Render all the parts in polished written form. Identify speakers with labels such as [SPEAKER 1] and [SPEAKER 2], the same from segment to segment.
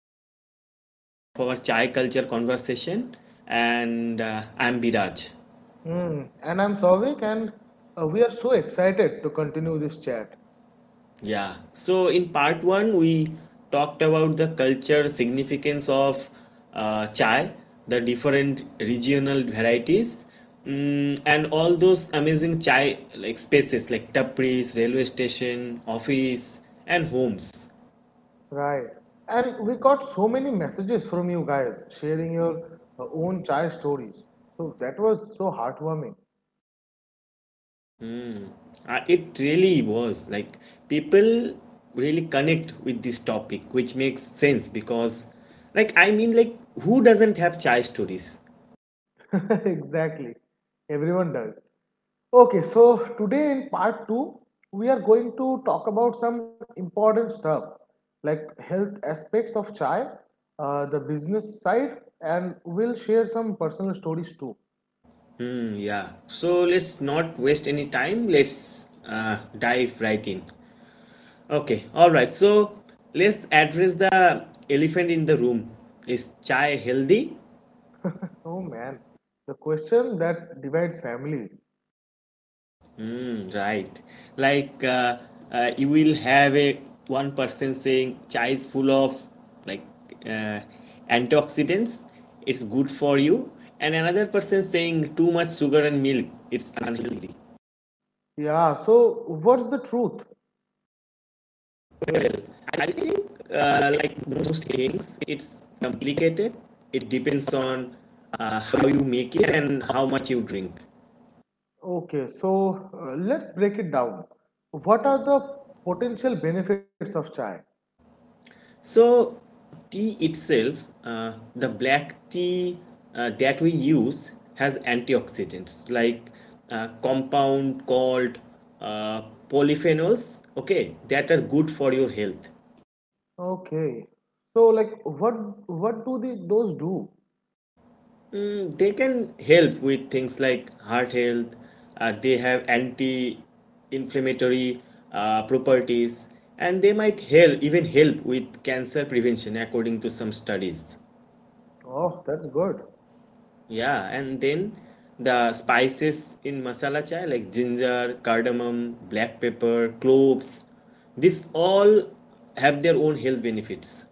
[SPEAKER 1] is part two of our chai culture conversation, and I'm Biraj.
[SPEAKER 2] Hmm. And I'm Souvik, and we are so excited to continue this chat.
[SPEAKER 1] Yeah, so in part one, we talked about the culture significance of chai, the different regional varieties, and all those amazing chai like spaces like tapris, railway station, office, and homes.
[SPEAKER 2] Right. And we got so many messages from you guys sharing your own chai stories. So that was so heartwarming.
[SPEAKER 1] It really was like people really connect with this topic, which makes sense because, like, I mean, like, who doesn't have chai stories?
[SPEAKER 2] Exactly. Everyone does. Okay, so today in part 2, we are going to talk about some important stuff like health aspects of chai, the business side, and we'll share some personal stories too.
[SPEAKER 1] Yeah. So let's not waste any time. Let's dive right in. Okay. All right. So let's address the elephant in the room. Is chai healthy?
[SPEAKER 2] Oh man, the question that divides families.
[SPEAKER 1] Right. Like uh, you will have a one person saying chai is full of like uh, antioxidants, it's good for you, and another person saying too much sugar and milk, it's unhealthy.
[SPEAKER 2] Yeah, so what's the truth?
[SPEAKER 1] Well, I think like most things, it's complicated. It depends on how you make it and how much you drink.
[SPEAKER 2] Okay, so let's break it down. What are the potential benefits of chai?
[SPEAKER 1] So, tea itself, the black tea that we use, has antioxidants like compound called uh, polyphenols, okay, that are good for your health.
[SPEAKER 2] Okay, so like what do those do?
[SPEAKER 1] Mm, they can help with things like heart health, they have anti inflammatory properties, and they might help even help with cancer prevention according to some studies.
[SPEAKER 2] Oh, that's good.
[SPEAKER 1] Yeah, and then the spices in masala chai like ginger, cardamom, black pepper, cloves, this all have their own health benefits.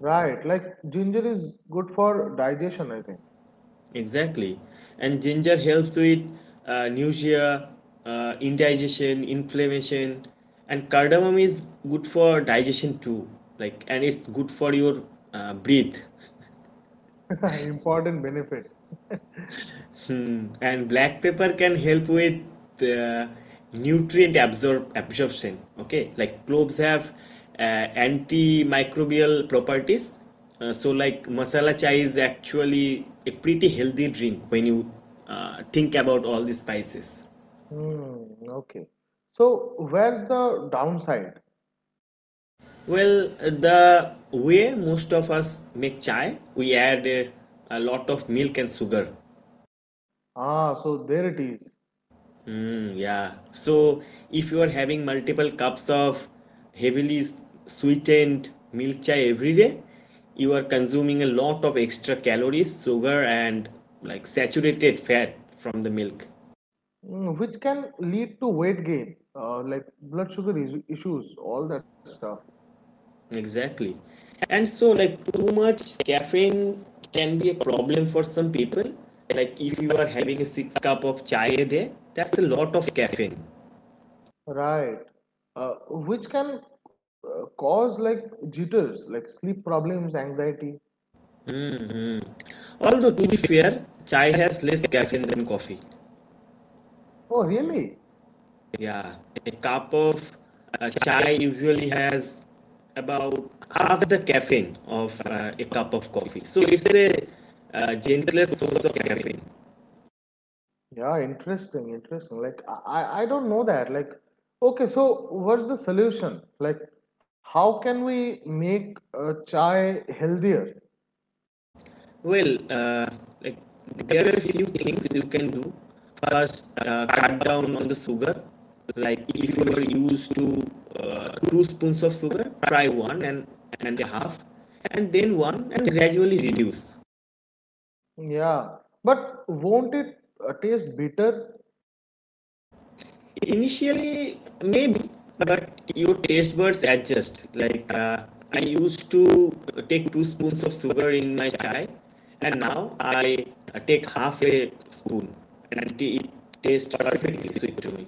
[SPEAKER 2] Right, like ginger is good for digestion, I think.
[SPEAKER 1] Exactly. And ginger helps with nausea, indigestion, inflammation, and cardamom is good for digestion too. Like, and it's good for your breath.
[SPEAKER 2] Important benefit.
[SPEAKER 1] And black pepper can help with uh, nutrient absorb absorption, okay, like cloves have antimicrobial properties. So like masala chai is actually a pretty healthy drink when you think about all the spices.
[SPEAKER 2] Hmm, okay. So where's the downside?
[SPEAKER 1] Well, the way most of us make chai, we add a lot of milk and sugar.
[SPEAKER 2] Ah, so there it is.
[SPEAKER 1] Yeah. So if you are having multiple cups of heavily sweetened milk chai every day, you are consuming a lot of extra calories, sugar, and like saturated fat from the milk.
[SPEAKER 2] Mm, which can lead to weight gain, like blood sugar issues, all that stuff.
[SPEAKER 1] Exactly. And so, like, too much caffeine can be a problem for some people. Like, if you are having a six cup of chai a day, that's a lot of caffeine.
[SPEAKER 2] Right. Uh, which can cause like jitters, like sleep problems, anxiety.
[SPEAKER 1] Although, to be fair, chai has less caffeine than coffee.
[SPEAKER 2] Oh, really?
[SPEAKER 1] Yeah, a cup of chai usually has about half the caffeine of a cup of coffee. So it's a gentler source of caffeine.
[SPEAKER 2] Yeah, interesting, interesting. Like I don't know that. Like, okay, so what's the solution? Like, how can we make chai healthier?
[SPEAKER 1] Well, like there are a few things you can do. First, cut down on the sugar. Like if you are used to two spoons of sugar, try one and a half, and then one, and gradually reduce.
[SPEAKER 2] Yeah, but won't it taste bitter?
[SPEAKER 1] Initially, maybe, but your taste buds adjust. Like I used to take two spoons of sugar in my chai, and now I take half a spoon, and it tastes perfectly sweet to me.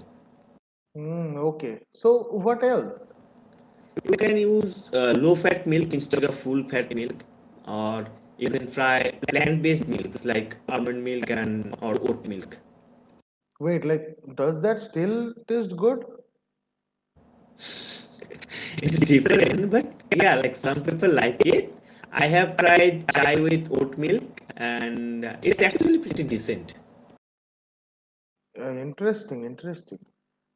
[SPEAKER 2] Mm, okay. So what else?
[SPEAKER 1] You can use low-fat milk instead of full-fat milk, or even try plant-based milks like almond milk and or oat milk.
[SPEAKER 2] Wait, like, does that still taste good?
[SPEAKER 1] It's different, but yeah, like some people like it. I have tried chai with oat milk, and it's actually pretty decent.
[SPEAKER 2] Interesting, interesting.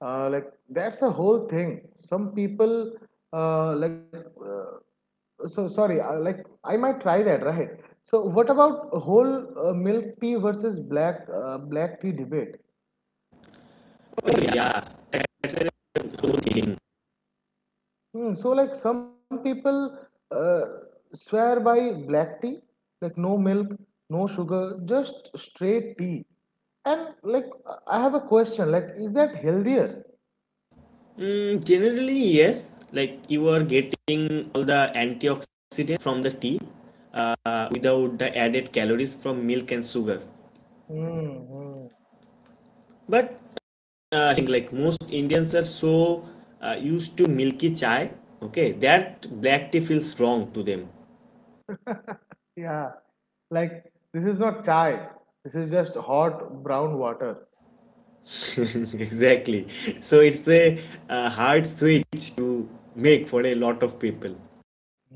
[SPEAKER 2] Like, that's a whole thing. Some people, like, so sorry, like, I might try that, right? So, what about whole milk tea versus black tea debate?
[SPEAKER 1] Oh yeah, that's a good thing.
[SPEAKER 2] Hmm, so, like, some people uh, swear by black tea, like, no milk, no sugar, just straight tea. And like, I have a question. Like, is that healthier?
[SPEAKER 1] Mm, generally, yes, like you are getting all the antioxidants from the tea without the added calories from milk and sugar.
[SPEAKER 2] Mm, mm.
[SPEAKER 1] But I think like most Indians are so used to milky chai, okay, that black tea feels wrong to them.
[SPEAKER 2] Yeah, like this is not chai. This is just hot brown water.
[SPEAKER 1] Exactly. So it's a, uh, hard switch to make for a lot of people.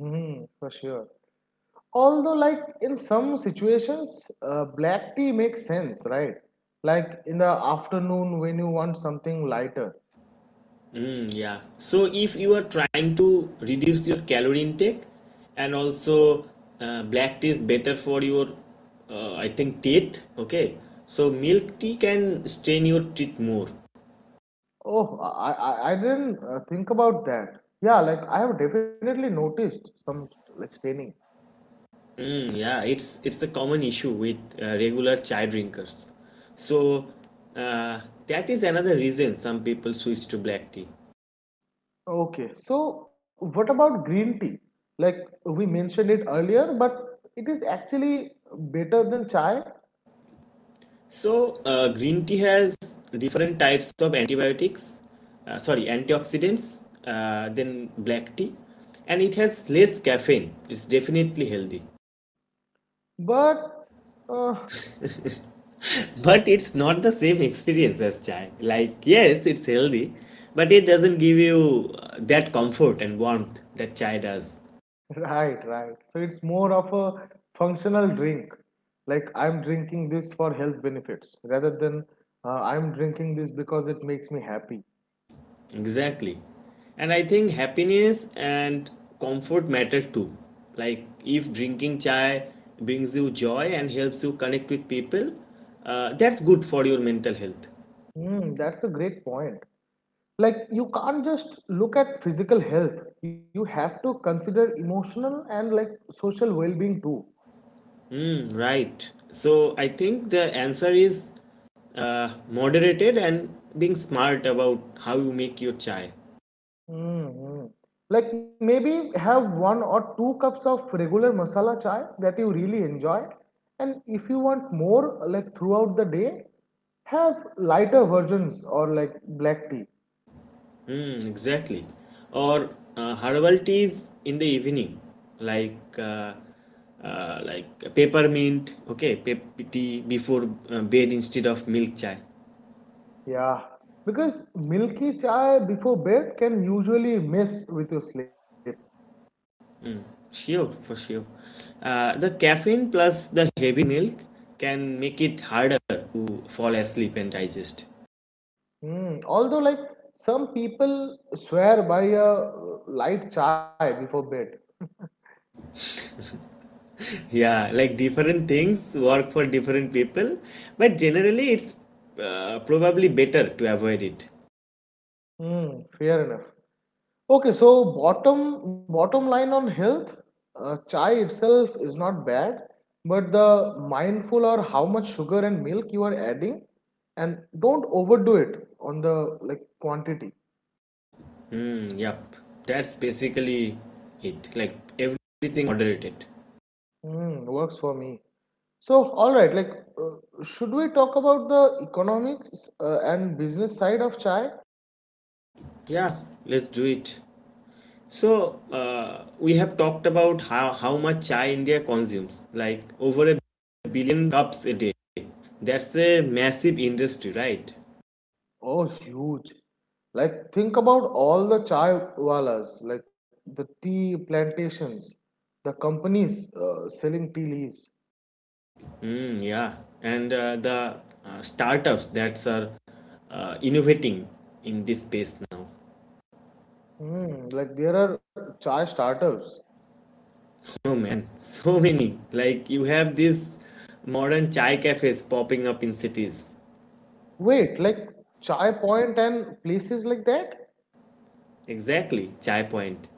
[SPEAKER 2] Mm, for sure. Although, like in some situations, black tea makes sense, right? Like in the afternoon when you want something lighter.
[SPEAKER 1] Mm, yeah. So if you are trying to reduce your calorie intake and also black tea is better for your, I think, teeth. Okay. So milk tea can strain your teeth more.
[SPEAKER 2] Oh, I didn't think about that. Yeah, like I have definitely noticed some like staining.
[SPEAKER 1] Yeah, it's a common issue with regular chai drinkers. So uh, that is another reason some people switch to black tea.
[SPEAKER 2] Okay, so what about green tea? Like we mentioned it earlier, but it is actually better than chai.
[SPEAKER 1] So, green tea has different types of antibiotics, sorry, antioxidants, than black tea, and it has less caffeine. It's definitely healthy.
[SPEAKER 2] But uh,
[SPEAKER 1] But it's not the same experience as chai. Like, yes, it's healthy, but it doesn't give you that comfort and warmth that chai does.
[SPEAKER 2] right, right. So it's more of a functional drink. Like I'm drinking this for health benefits rather than I'm drinking this because it makes me happy.
[SPEAKER 1] Exactly. And I think happiness and comfort matter too. Like if drinking chai brings you joy and helps you connect with people, that's good for your mental health.
[SPEAKER 2] Hmm, that's a great point. Like you can't just look at physical health. You have to consider emotional and like social well-being too.
[SPEAKER 1] Mm, right. So I think the answer is moderated and being smart about how you make your chai.
[SPEAKER 2] Mm-hmm. Like maybe have one or two cups of regular masala chai that you really enjoy. And if you want more, like throughout the day, have lighter versions or like black tea.
[SPEAKER 1] Mm, exactly. Or herbal teas in the evening, like uh, like peppermint. Okay, pep tea before bed instead of milk chai.
[SPEAKER 2] Yeah. Because milky chai before bed can usually mess with your sleep.
[SPEAKER 1] Sure, for sure. The caffeine plus the heavy milk can make it harder to fall asleep and digest.
[SPEAKER 2] Mm. Although, like some people swear by a light chai before bed.
[SPEAKER 1] Yeah, like different things work for different people, but generally it's probably better to avoid it.
[SPEAKER 2] Mm, fair enough. Okay, so bottom line on health, chai itself is not bad, but the mindful or how much sugar and milk you are adding, and don't overdo it on the like quantity.
[SPEAKER 1] Mm, yep, that's basically it. Like everything moderated.
[SPEAKER 2] Hmm, works for me. So all right, like uh, should we talk about the economics and business side of chai?
[SPEAKER 1] Yeah, let's do it. So, we have talked about how much chai India consumes, like over a billion cups a day. That's a massive industry, right?
[SPEAKER 2] Oh, huge. Like, think about all the chai walas, like the tea plantations, the companies selling tea leaves.
[SPEAKER 1] Yeah, and the startups that are innovating in this space now.
[SPEAKER 2] Hmm, like, there are chai startups.
[SPEAKER 1] Oh man, so many. Like you have these modern chai cafes popping up in cities.
[SPEAKER 2] Wait, like Chai Point and places like that?
[SPEAKER 1] Exactly, Chai Point.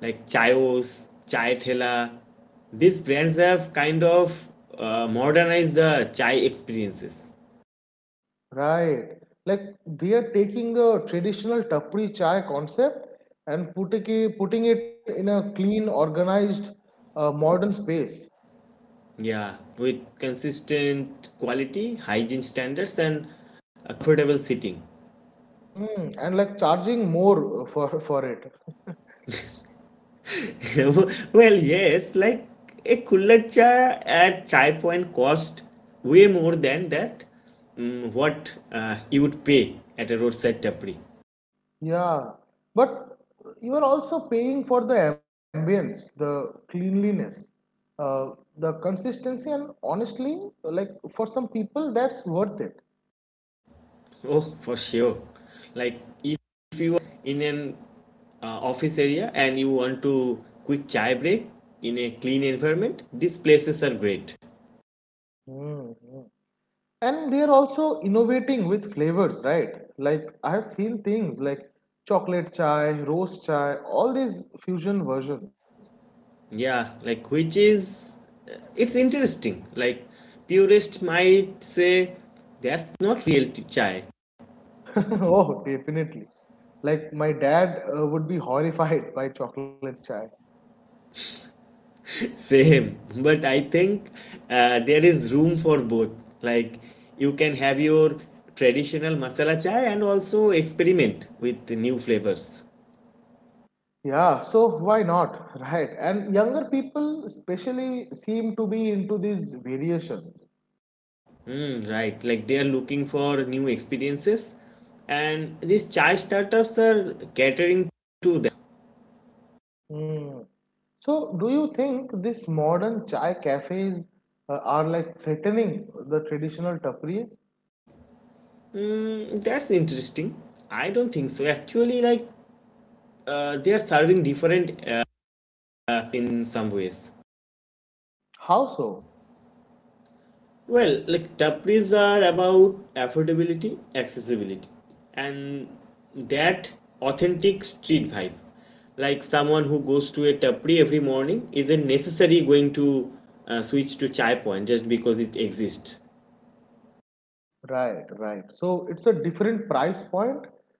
[SPEAKER 1] Like Chaios, Chai Thela. These brands have kind of modernized the chai experiences.
[SPEAKER 2] Right. Like, they are taking the traditional tapri chai concept and putting it in a clean, organized, modern space.
[SPEAKER 1] Yeah, with consistent quality, hygiene standards, and affordable seating.
[SPEAKER 2] Mm, and like charging more for it.
[SPEAKER 1] Well, yes, like a cooler cha at Chai Point cost way more than that, what you would pay at a roadside tapri.
[SPEAKER 2] Yeah, but you are also paying for the ambience, the cleanliness, uh, the consistency, and honestly, like for some people, that's worth it.
[SPEAKER 1] Oh, for sure. Like if you are in an office area and you want to quick chai break in a clean environment, these places are great.
[SPEAKER 2] hmm And they are also innovating with flavors, right? Like I have seen things like chocolate chai, roast chai, all these fusion versions.
[SPEAKER 1] Yeah, like which is it's interesting. Like purist might say that's not real chai.
[SPEAKER 2] Oh, definitely. Like my dad would be horrified by chocolate chai.
[SPEAKER 1] Same, but I think there is room for both. Like you can have your traditional masala chai and also experiment with new flavors.
[SPEAKER 2] Yeah, so why not? Right. And younger people, especially, seem to be into these variations.
[SPEAKER 1] Mm, right, like they are looking for new experiences, and these chai startups are catering to them.
[SPEAKER 2] Hmm. So, do you think these modern chai cafes are like threatening the traditional tapris?
[SPEAKER 1] Mm, that's interesting. I don't think so. Actually, like they are serving different in some ways.
[SPEAKER 2] How so?
[SPEAKER 1] Well, like Tapris are about affordability, accessibility, and that authentic street vibe. Like someone who goes to a tapri every morning isn't necessarily going to switch to chai point just because it exists.
[SPEAKER 2] Right, right. So, it's a different price point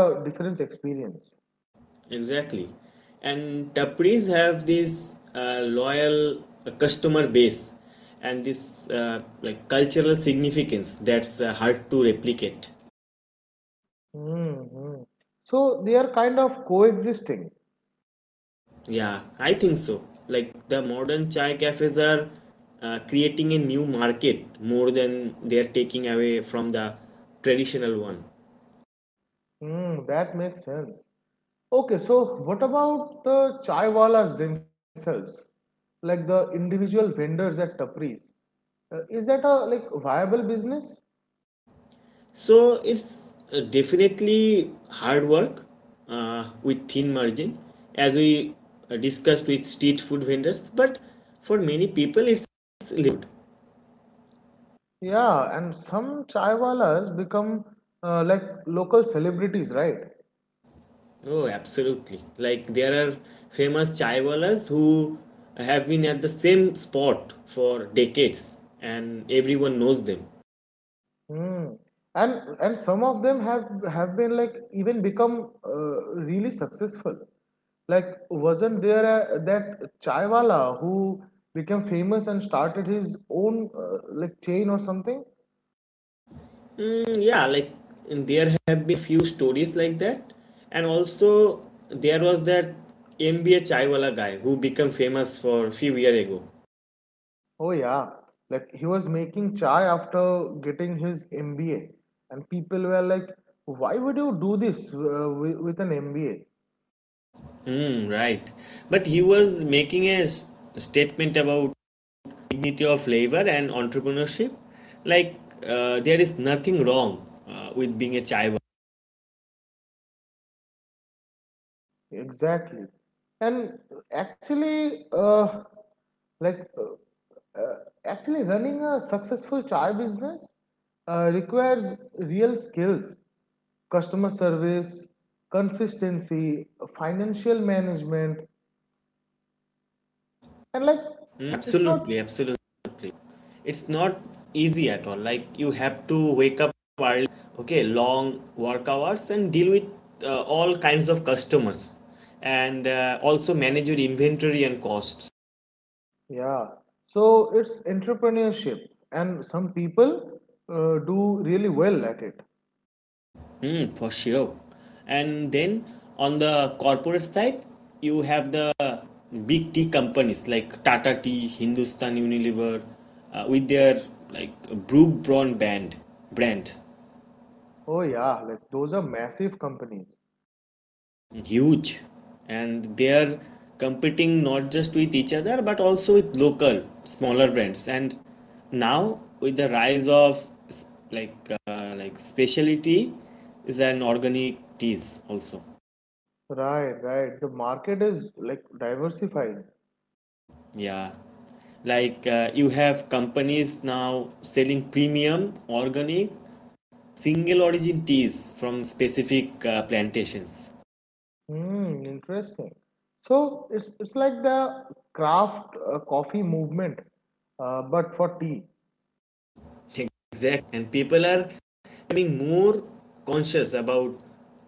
[SPEAKER 2] and a different experience.
[SPEAKER 1] Exactly. And tapris have this loyal customer base and this like cultural significance that's hard to replicate.
[SPEAKER 2] hmm So, they are kind of coexisting.
[SPEAKER 1] Yeah, I think so. Like the modern chai cafes are creating a new market more than they are taking away from the traditional one.
[SPEAKER 2] Hmm, that makes sense. Okay, so what about the chaiwalas themselves, like the individual vendors at tapris? Is that a like viable business?
[SPEAKER 1] So it's definitely hard work with thin margin, as we discussed with street food vendors. But for many people, it's lived.
[SPEAKER 2] Yeah, and some chaiwalas become like local celebrities, right?
[SPEAKER 1] Oh, absolutely. Like there are famous chaiwalas who have been at the same spot for decades and everyone knows them.
[SPEAKER 2] Hmm. And and some of them have been like even become really successful. Like wasn't there that chaiwala who became famous and started his own like chain or something?
[SPEAKER 1] Mm, yeah, like there have been few stories like that. And also there was that MBA chaiwala guy who became famous for a few years ago.
[SPEAKER 2] Oh yeah, like he was making chai after getting his MBA, and people were like, "Why would you do this with an MBA?"
[SPEAKER 1] Mm, right. But he was making a statement about dignity of labor and entrepreneurship. Like there is nothing wrong with being a chaiwala.
[SPEAKER 2] Exactly, and actually, uh, like, actually, running a successful chai business requires real skills, customer service, consistency, financial management, and like,
[SPEAKER 1] Mm,
[SPEAKER 2] it's
[SPEAKER 1] absolutely,
[SPEAKER 2] not
[SPEAKER 1] absolutely. It's not easy at all. Like you have to wake up early, okay, long work hours and deal with all kinds of customers and also manage your inventory and costs.
[SPEAKER 2] Yeah, so it's entrepreneurship, and some people do really well at it.
[SPEAKER 1] Mm, for sure. And then on the corporate side, you have the big tea companies like Tata Tea, Hindustan Unilever, with their like Brewbron brand.
[SPEAKER 2] Oh, yeah, like those are massive companies.
[SPEAKER 1] Huge. And they are competing not just with each other but also with local smaller brands and now with the rise of like like specialty is an organic teas also.
[SPEAKER 2] Right, right. The market is like diversified.
[SPEAKER 1] Yeah, like you have companies now selling premium organic single origin teas from specific plantations.
[SPEAKER 2] Hmm, interesting. So it's like the craft coffee movement, but for tea.
[SPEAKER 1] Exact. And people are becoming more conscious about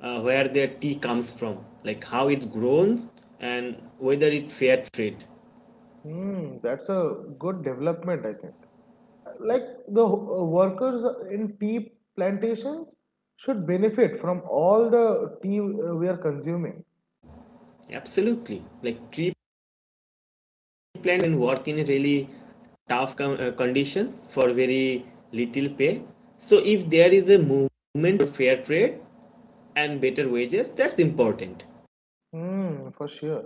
[SPEAKER 1] where their tea comes from, like how it's grown and whether it's fair trade.
[SPEAKER 2] Hmm, that's a good development, I think. Like the workers in tea plantations should benefit from all the tea we are consuming.
[SPEAKER 1] Absolutely. Like tree plant can work in really tough conditions for very little pay. So if there is a movement for fair trade and better wages, that's important.
[SPEAKER 2] Mm, for sure.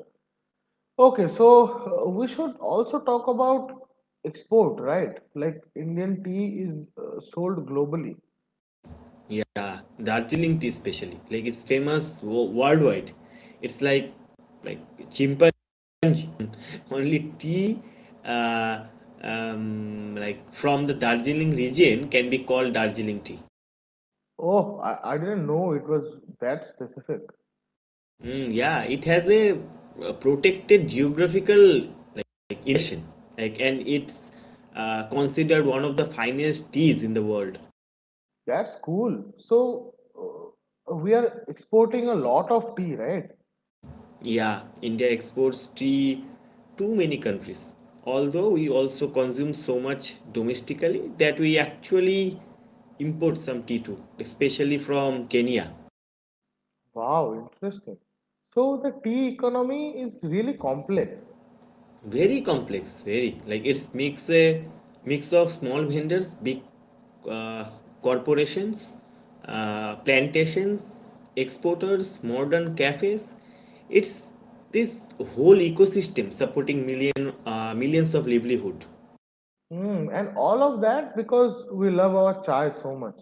[SPEAKER 2] Okay, so we should also talk about export, right? Like Indian tea is sold globally.
[SPEAKER 1] Yeah, Darjeeling tea especially, like it's famous worldwide. It's like chimpanzees only tea, uh, like from the Darjeeling region, can be called Darjeeling tea.
[SPEAKER 2] Oh, I didn't know it was that specific.
[SPEAKER 1] Mm, yeah, it has a, uh, protected geographical like indication, like, and it's considered one of the finest teas in the world.
[SPEAKER 2] That's cool. So we are exporting a lot of tea, right?
[SPEAKER 1] Yeah, India exports tea to many countries. Although we also consume so much domestically that we actually import some tea too, especially from Kenya.
[SPEAKER 2] Wow, interesting. So the tea economy is really complex.
[SPEAKER 1] Very complex, very. Like it's mix of small vendors, big uh, corporations, plantations, exporters, modern cafes. It's this whole ecosystem supporting millions of livelihood.
[SPEAKER 2] Mm, and all of that because we love our chai so much.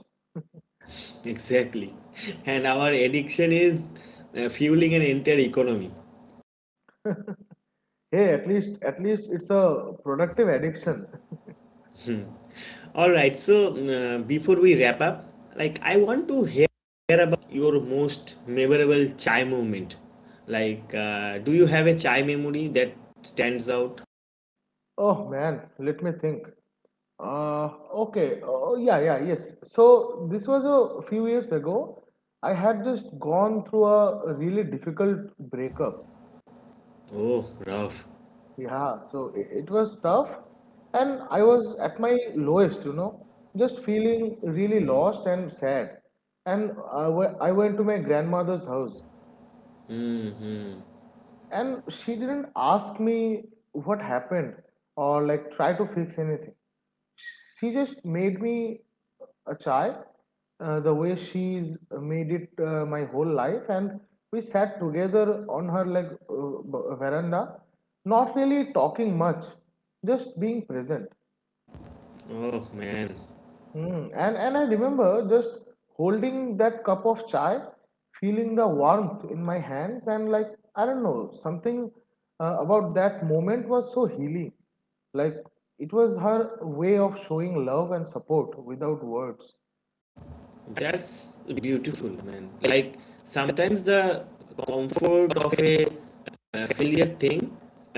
[SPEAKER 1] Exactly, and our addiction is fueling an entire economy.
[SPEAKER 2] Hey, at least it's a productive addiction.
[SPEAKER 1] All right, so before we wrap up, like I want to hear about your most memorable chai moment. Like, do you have a chai memory that stands out?
[SPEAKER 2] Oh man, let me think. Uh, okay. Oh yeah, yeah, yes. So this was a few years ago. I had just gone through a really difficult breakup.
[SPEAKER 1] Oh, rough.
[SPEAKER 2] Yeah, so it was tough, and I was at my lowest. Just feeling really lost and sad. And I I went to my grandmother's house, and she didn't ask me what happened or like try to fix anything. She just made me a chai the way she's made it my whole life, and we sat together on her like veranda, not really talking much, just being present.
[SPEAKER 1] Oh man,
[SPEAKER 2] Mm. And I remember just holding that cup of chai, feeling the warmth in my hands, and like I don't know, something about that moment was so healing. Like it was her way of showing love and support without words.
[SPEAKER 1] that's beautiful, man. Like sometimes the comfort of a familiar thing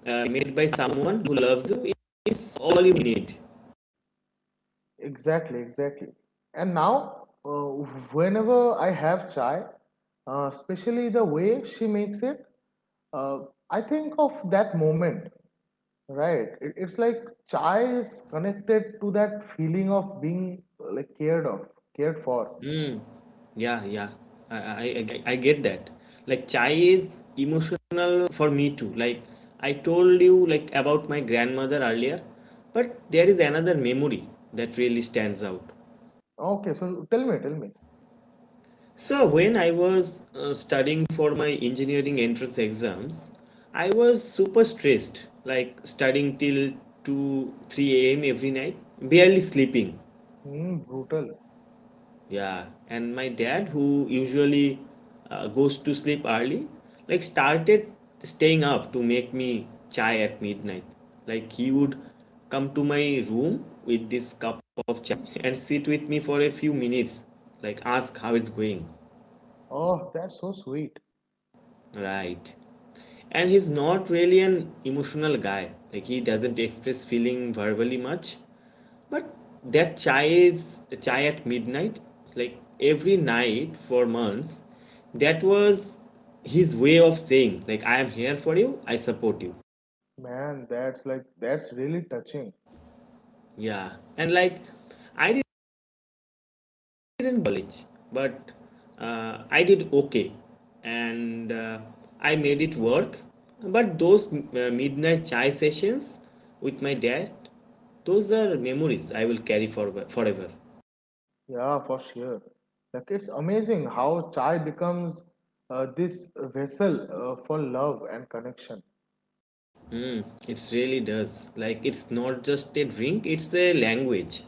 [SPEAKER 1] made by someone who loves you is all you need.
[SPEAKER 2] Exactly, exactly. And now, whenever I have chai, especially the way she makes it, uh, I think of that moment. Right. It's like chai is connected to that feeling of being like cared for.
[SPEAKER 1] Mm. Yeah, yeah. I get that. Like chai is emotional for me too. Like I told you like about my grandmother earlier, but there is another memory that really stands out.
[SPEAKER 2] Okay, so tell me, tell me.
[SPEAKER 1] So when I was studying for my engineering entrance exams, I was super stressed, like studying till 2-3 a.m. every night, barely sleeping.
[SPEAKER 2] Mm, brutal.
[SPEAKER 1] Yeah, and my dad, who usually goes to sleep early, like started staying up to make me chai at midnight. Like he would come to my room with this cup of chai and sit with me for a few minutes, like ask how it's going.
[SPEAKER 2] Oh, that's so sweet.
[SPEAKER 1] Right. And he's not really an emotional guy. Like he doesn't express feeling verbally much. But that chai at midnight, like every night for months, that was his way of saying like I am here for you, I support you.
[SPEAKER 2] Man, that's like that's really touching.
[SPEAKER 1] Yeah. And like I did in college, but I did okay, and I made it work. But those midnight chai sessions with my dad, those are memories I will carry for forever.
[SPEAKER 2] Yeah, for sure. Like it's amazing how chai becomes this vessel for love and connection.
[SPEAKER 1] Mm, it really does. Like it's not just a drink; it's a language.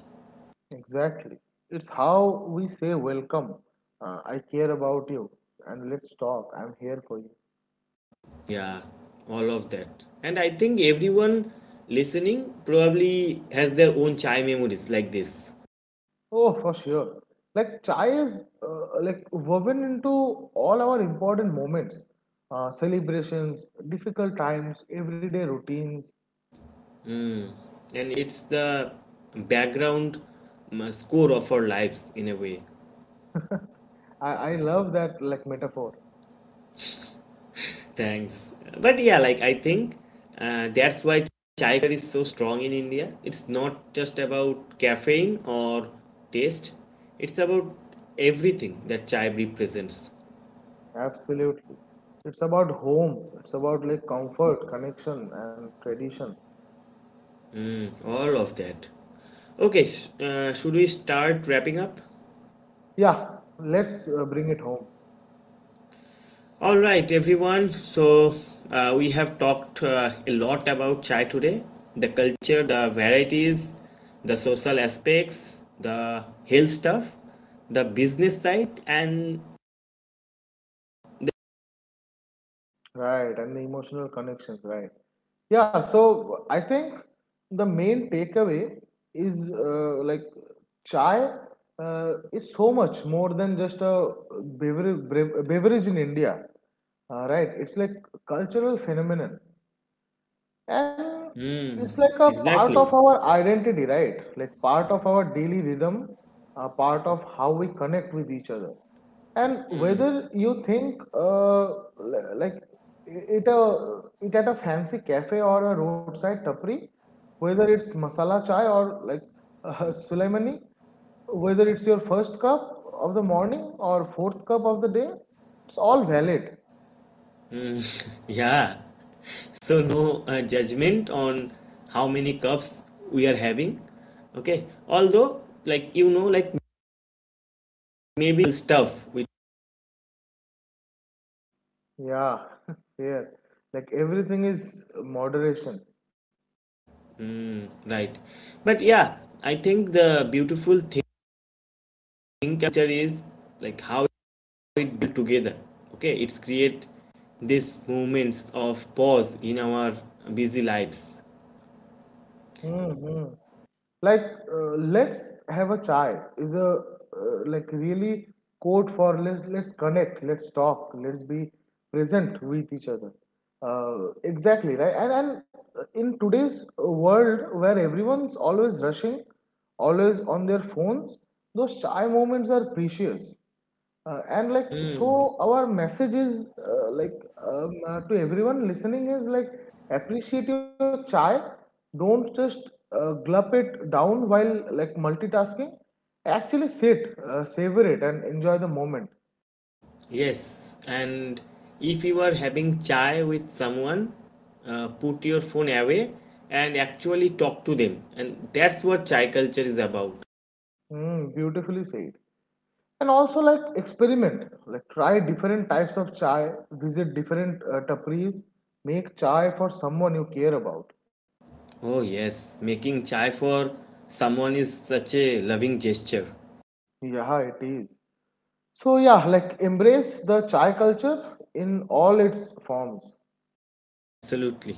[SPEAKER 2] Exactly. It's how we say welcome. I care about you, and let's talk. I'm here for you.
[SPEAKER 1] Yeah, all of that. And I think everyone listening probably has their own chai memories like this.
[SPEAKER 2] Oh, for sure. Like chai is like woven into all our important moments, celebrations, difficult times, everyday routines.
[SPEAKER 1] And it's the background score of our lives in a way.
[SPEAKER 2] I love that like metaphor.
[SPEAKER 1] Thanks. But yeah, like I think that's why chai culture is so strong in India. It's not just about caffeine or taste. It's about everything that chai represents.
[SPEAKER 2] Absolutely. It's about home. It's about like comfort, connection, and tradition.
[SPEAKER 1] All of that. Okay, should we start wrapping up?
[SPEAKER 2] Yeah, let's bring it home.
[SPEAKER 1] All right, everyone. So we have talked a lot about chai today: the culture, the varieties, the social aspects, the health stuff, the business side, and the.
[SPEAKER 2] Right, and the emotional connections, right? Yeah, so I think the main takeaway is like chai is so much more than just a beverage, beverage in India. Right, it's like cultural phenomenon, and
[SPEAKER 1] Hmm,
[SPEAKER 2] it's like a part of
[SPEAKER 1] exactly.
[SPEAKER 2] our identity, right? Like part of our daily rhythm, a part of how we connect with each other, and
[SPEAKER 1] Hmm.
[SPEAKER 2] whether you think like it at a fancy cafe or a roadside tapri, whether it's masala chai or like sulaimani, whether it's your first cup of the morning or fourth cup of the day, it's all valid.
[SPEAKER 1] Yeah. So no judgment on how many cups we are having. Okay. Although, like you know, like maybe stuff we
[SPEAKER 2] Yeah, yeah. Like everything is moderation.
[SPEAKER 1] right. But yeah, I think the beautiful think culture is like how it built together. Okay, it's create these moments of pause in our busy lives.
[SPEAKER 2] Mm-hmm. Like let's have a chai is a like really code for let's connect, let's talk, let's be present with each other. Exactly, right? And in today's world where everyone's always rushing, always on their phones, those chai moments are precious. And like, so our message is like, to everyone listening is like, appreciate your chai, don't just gulp it down while like multitasking, actually sit, savor it, and enjoy the moment.
[SPEAKER 1] Yes. And if you are having chai with someone, put your phone away and actually talk to them, and that's what chai culture is about.
[SPEAKER 2] Mm, beautifully said. And also, like experiment, like try different types of chai, visit different taparis, make chai for someone you care about.
[SPEAKER 1] Oh yes, making chai for someone is such a loving gesture.
[SPEAKER 2] Yeah, it is. So yeah, like embrace the chai culture in all its forms.
[SPEAKER 1] Absolutely.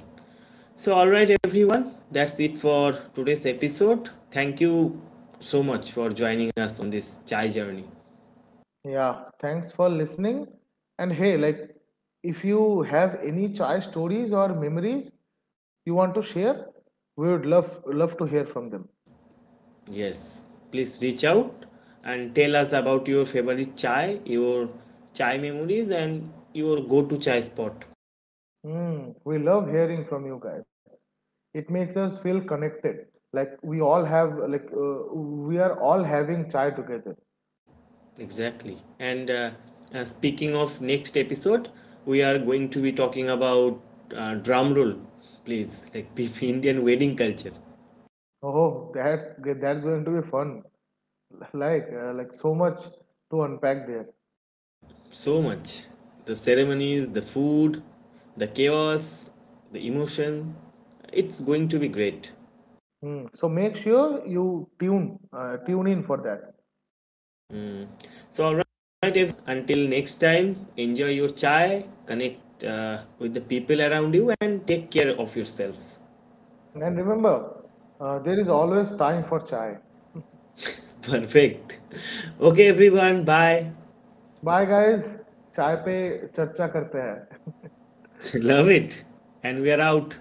[SPEAKER 1] So, alright, everyone, that's it for today's episode. Thank you so much for joining us on this chai journey.
[SPEAKER 2] Yeah, thanks for listening. And hey, like if you have any chai stories or memories you want to share, we would love to hear from them.
[SPEAKER 1] Yes, please reach out and tell us about your favorite chai, your chai memories, and your go to chai spot.
[SPEAKER 2] Hmm, we love hearing from you guys. It makes us feel connected. Like we are all having chai together.
[SPEAKER 1] Exactly. And speaking of next episode, we are going to be talking about, drum roll, please, like Indian wedding culture.
[SPEAKER 2] Oh, that's going to be fun. Like so much to unpack there.
[SPEAKER 1] So much. The ceremonies, the food, the chaos, the emotion. It's going to be great.
[SPEAKER 2] Mm. So make sure you tune in for that.
[SPEAKER 1] So, alright, until next time, enjoy your chai, connect with the people around you, and take care of yourselves.
[SPEAKER 2] Mm. And remember, there is always time for chai.
[SPEAKER 1] Perfect. Okay, everyone, bye.
[SPEAKER 2] Bye, guys. Chai पे चर्चा करते हैं.
[SPEAKER 1] Love it. And we are out.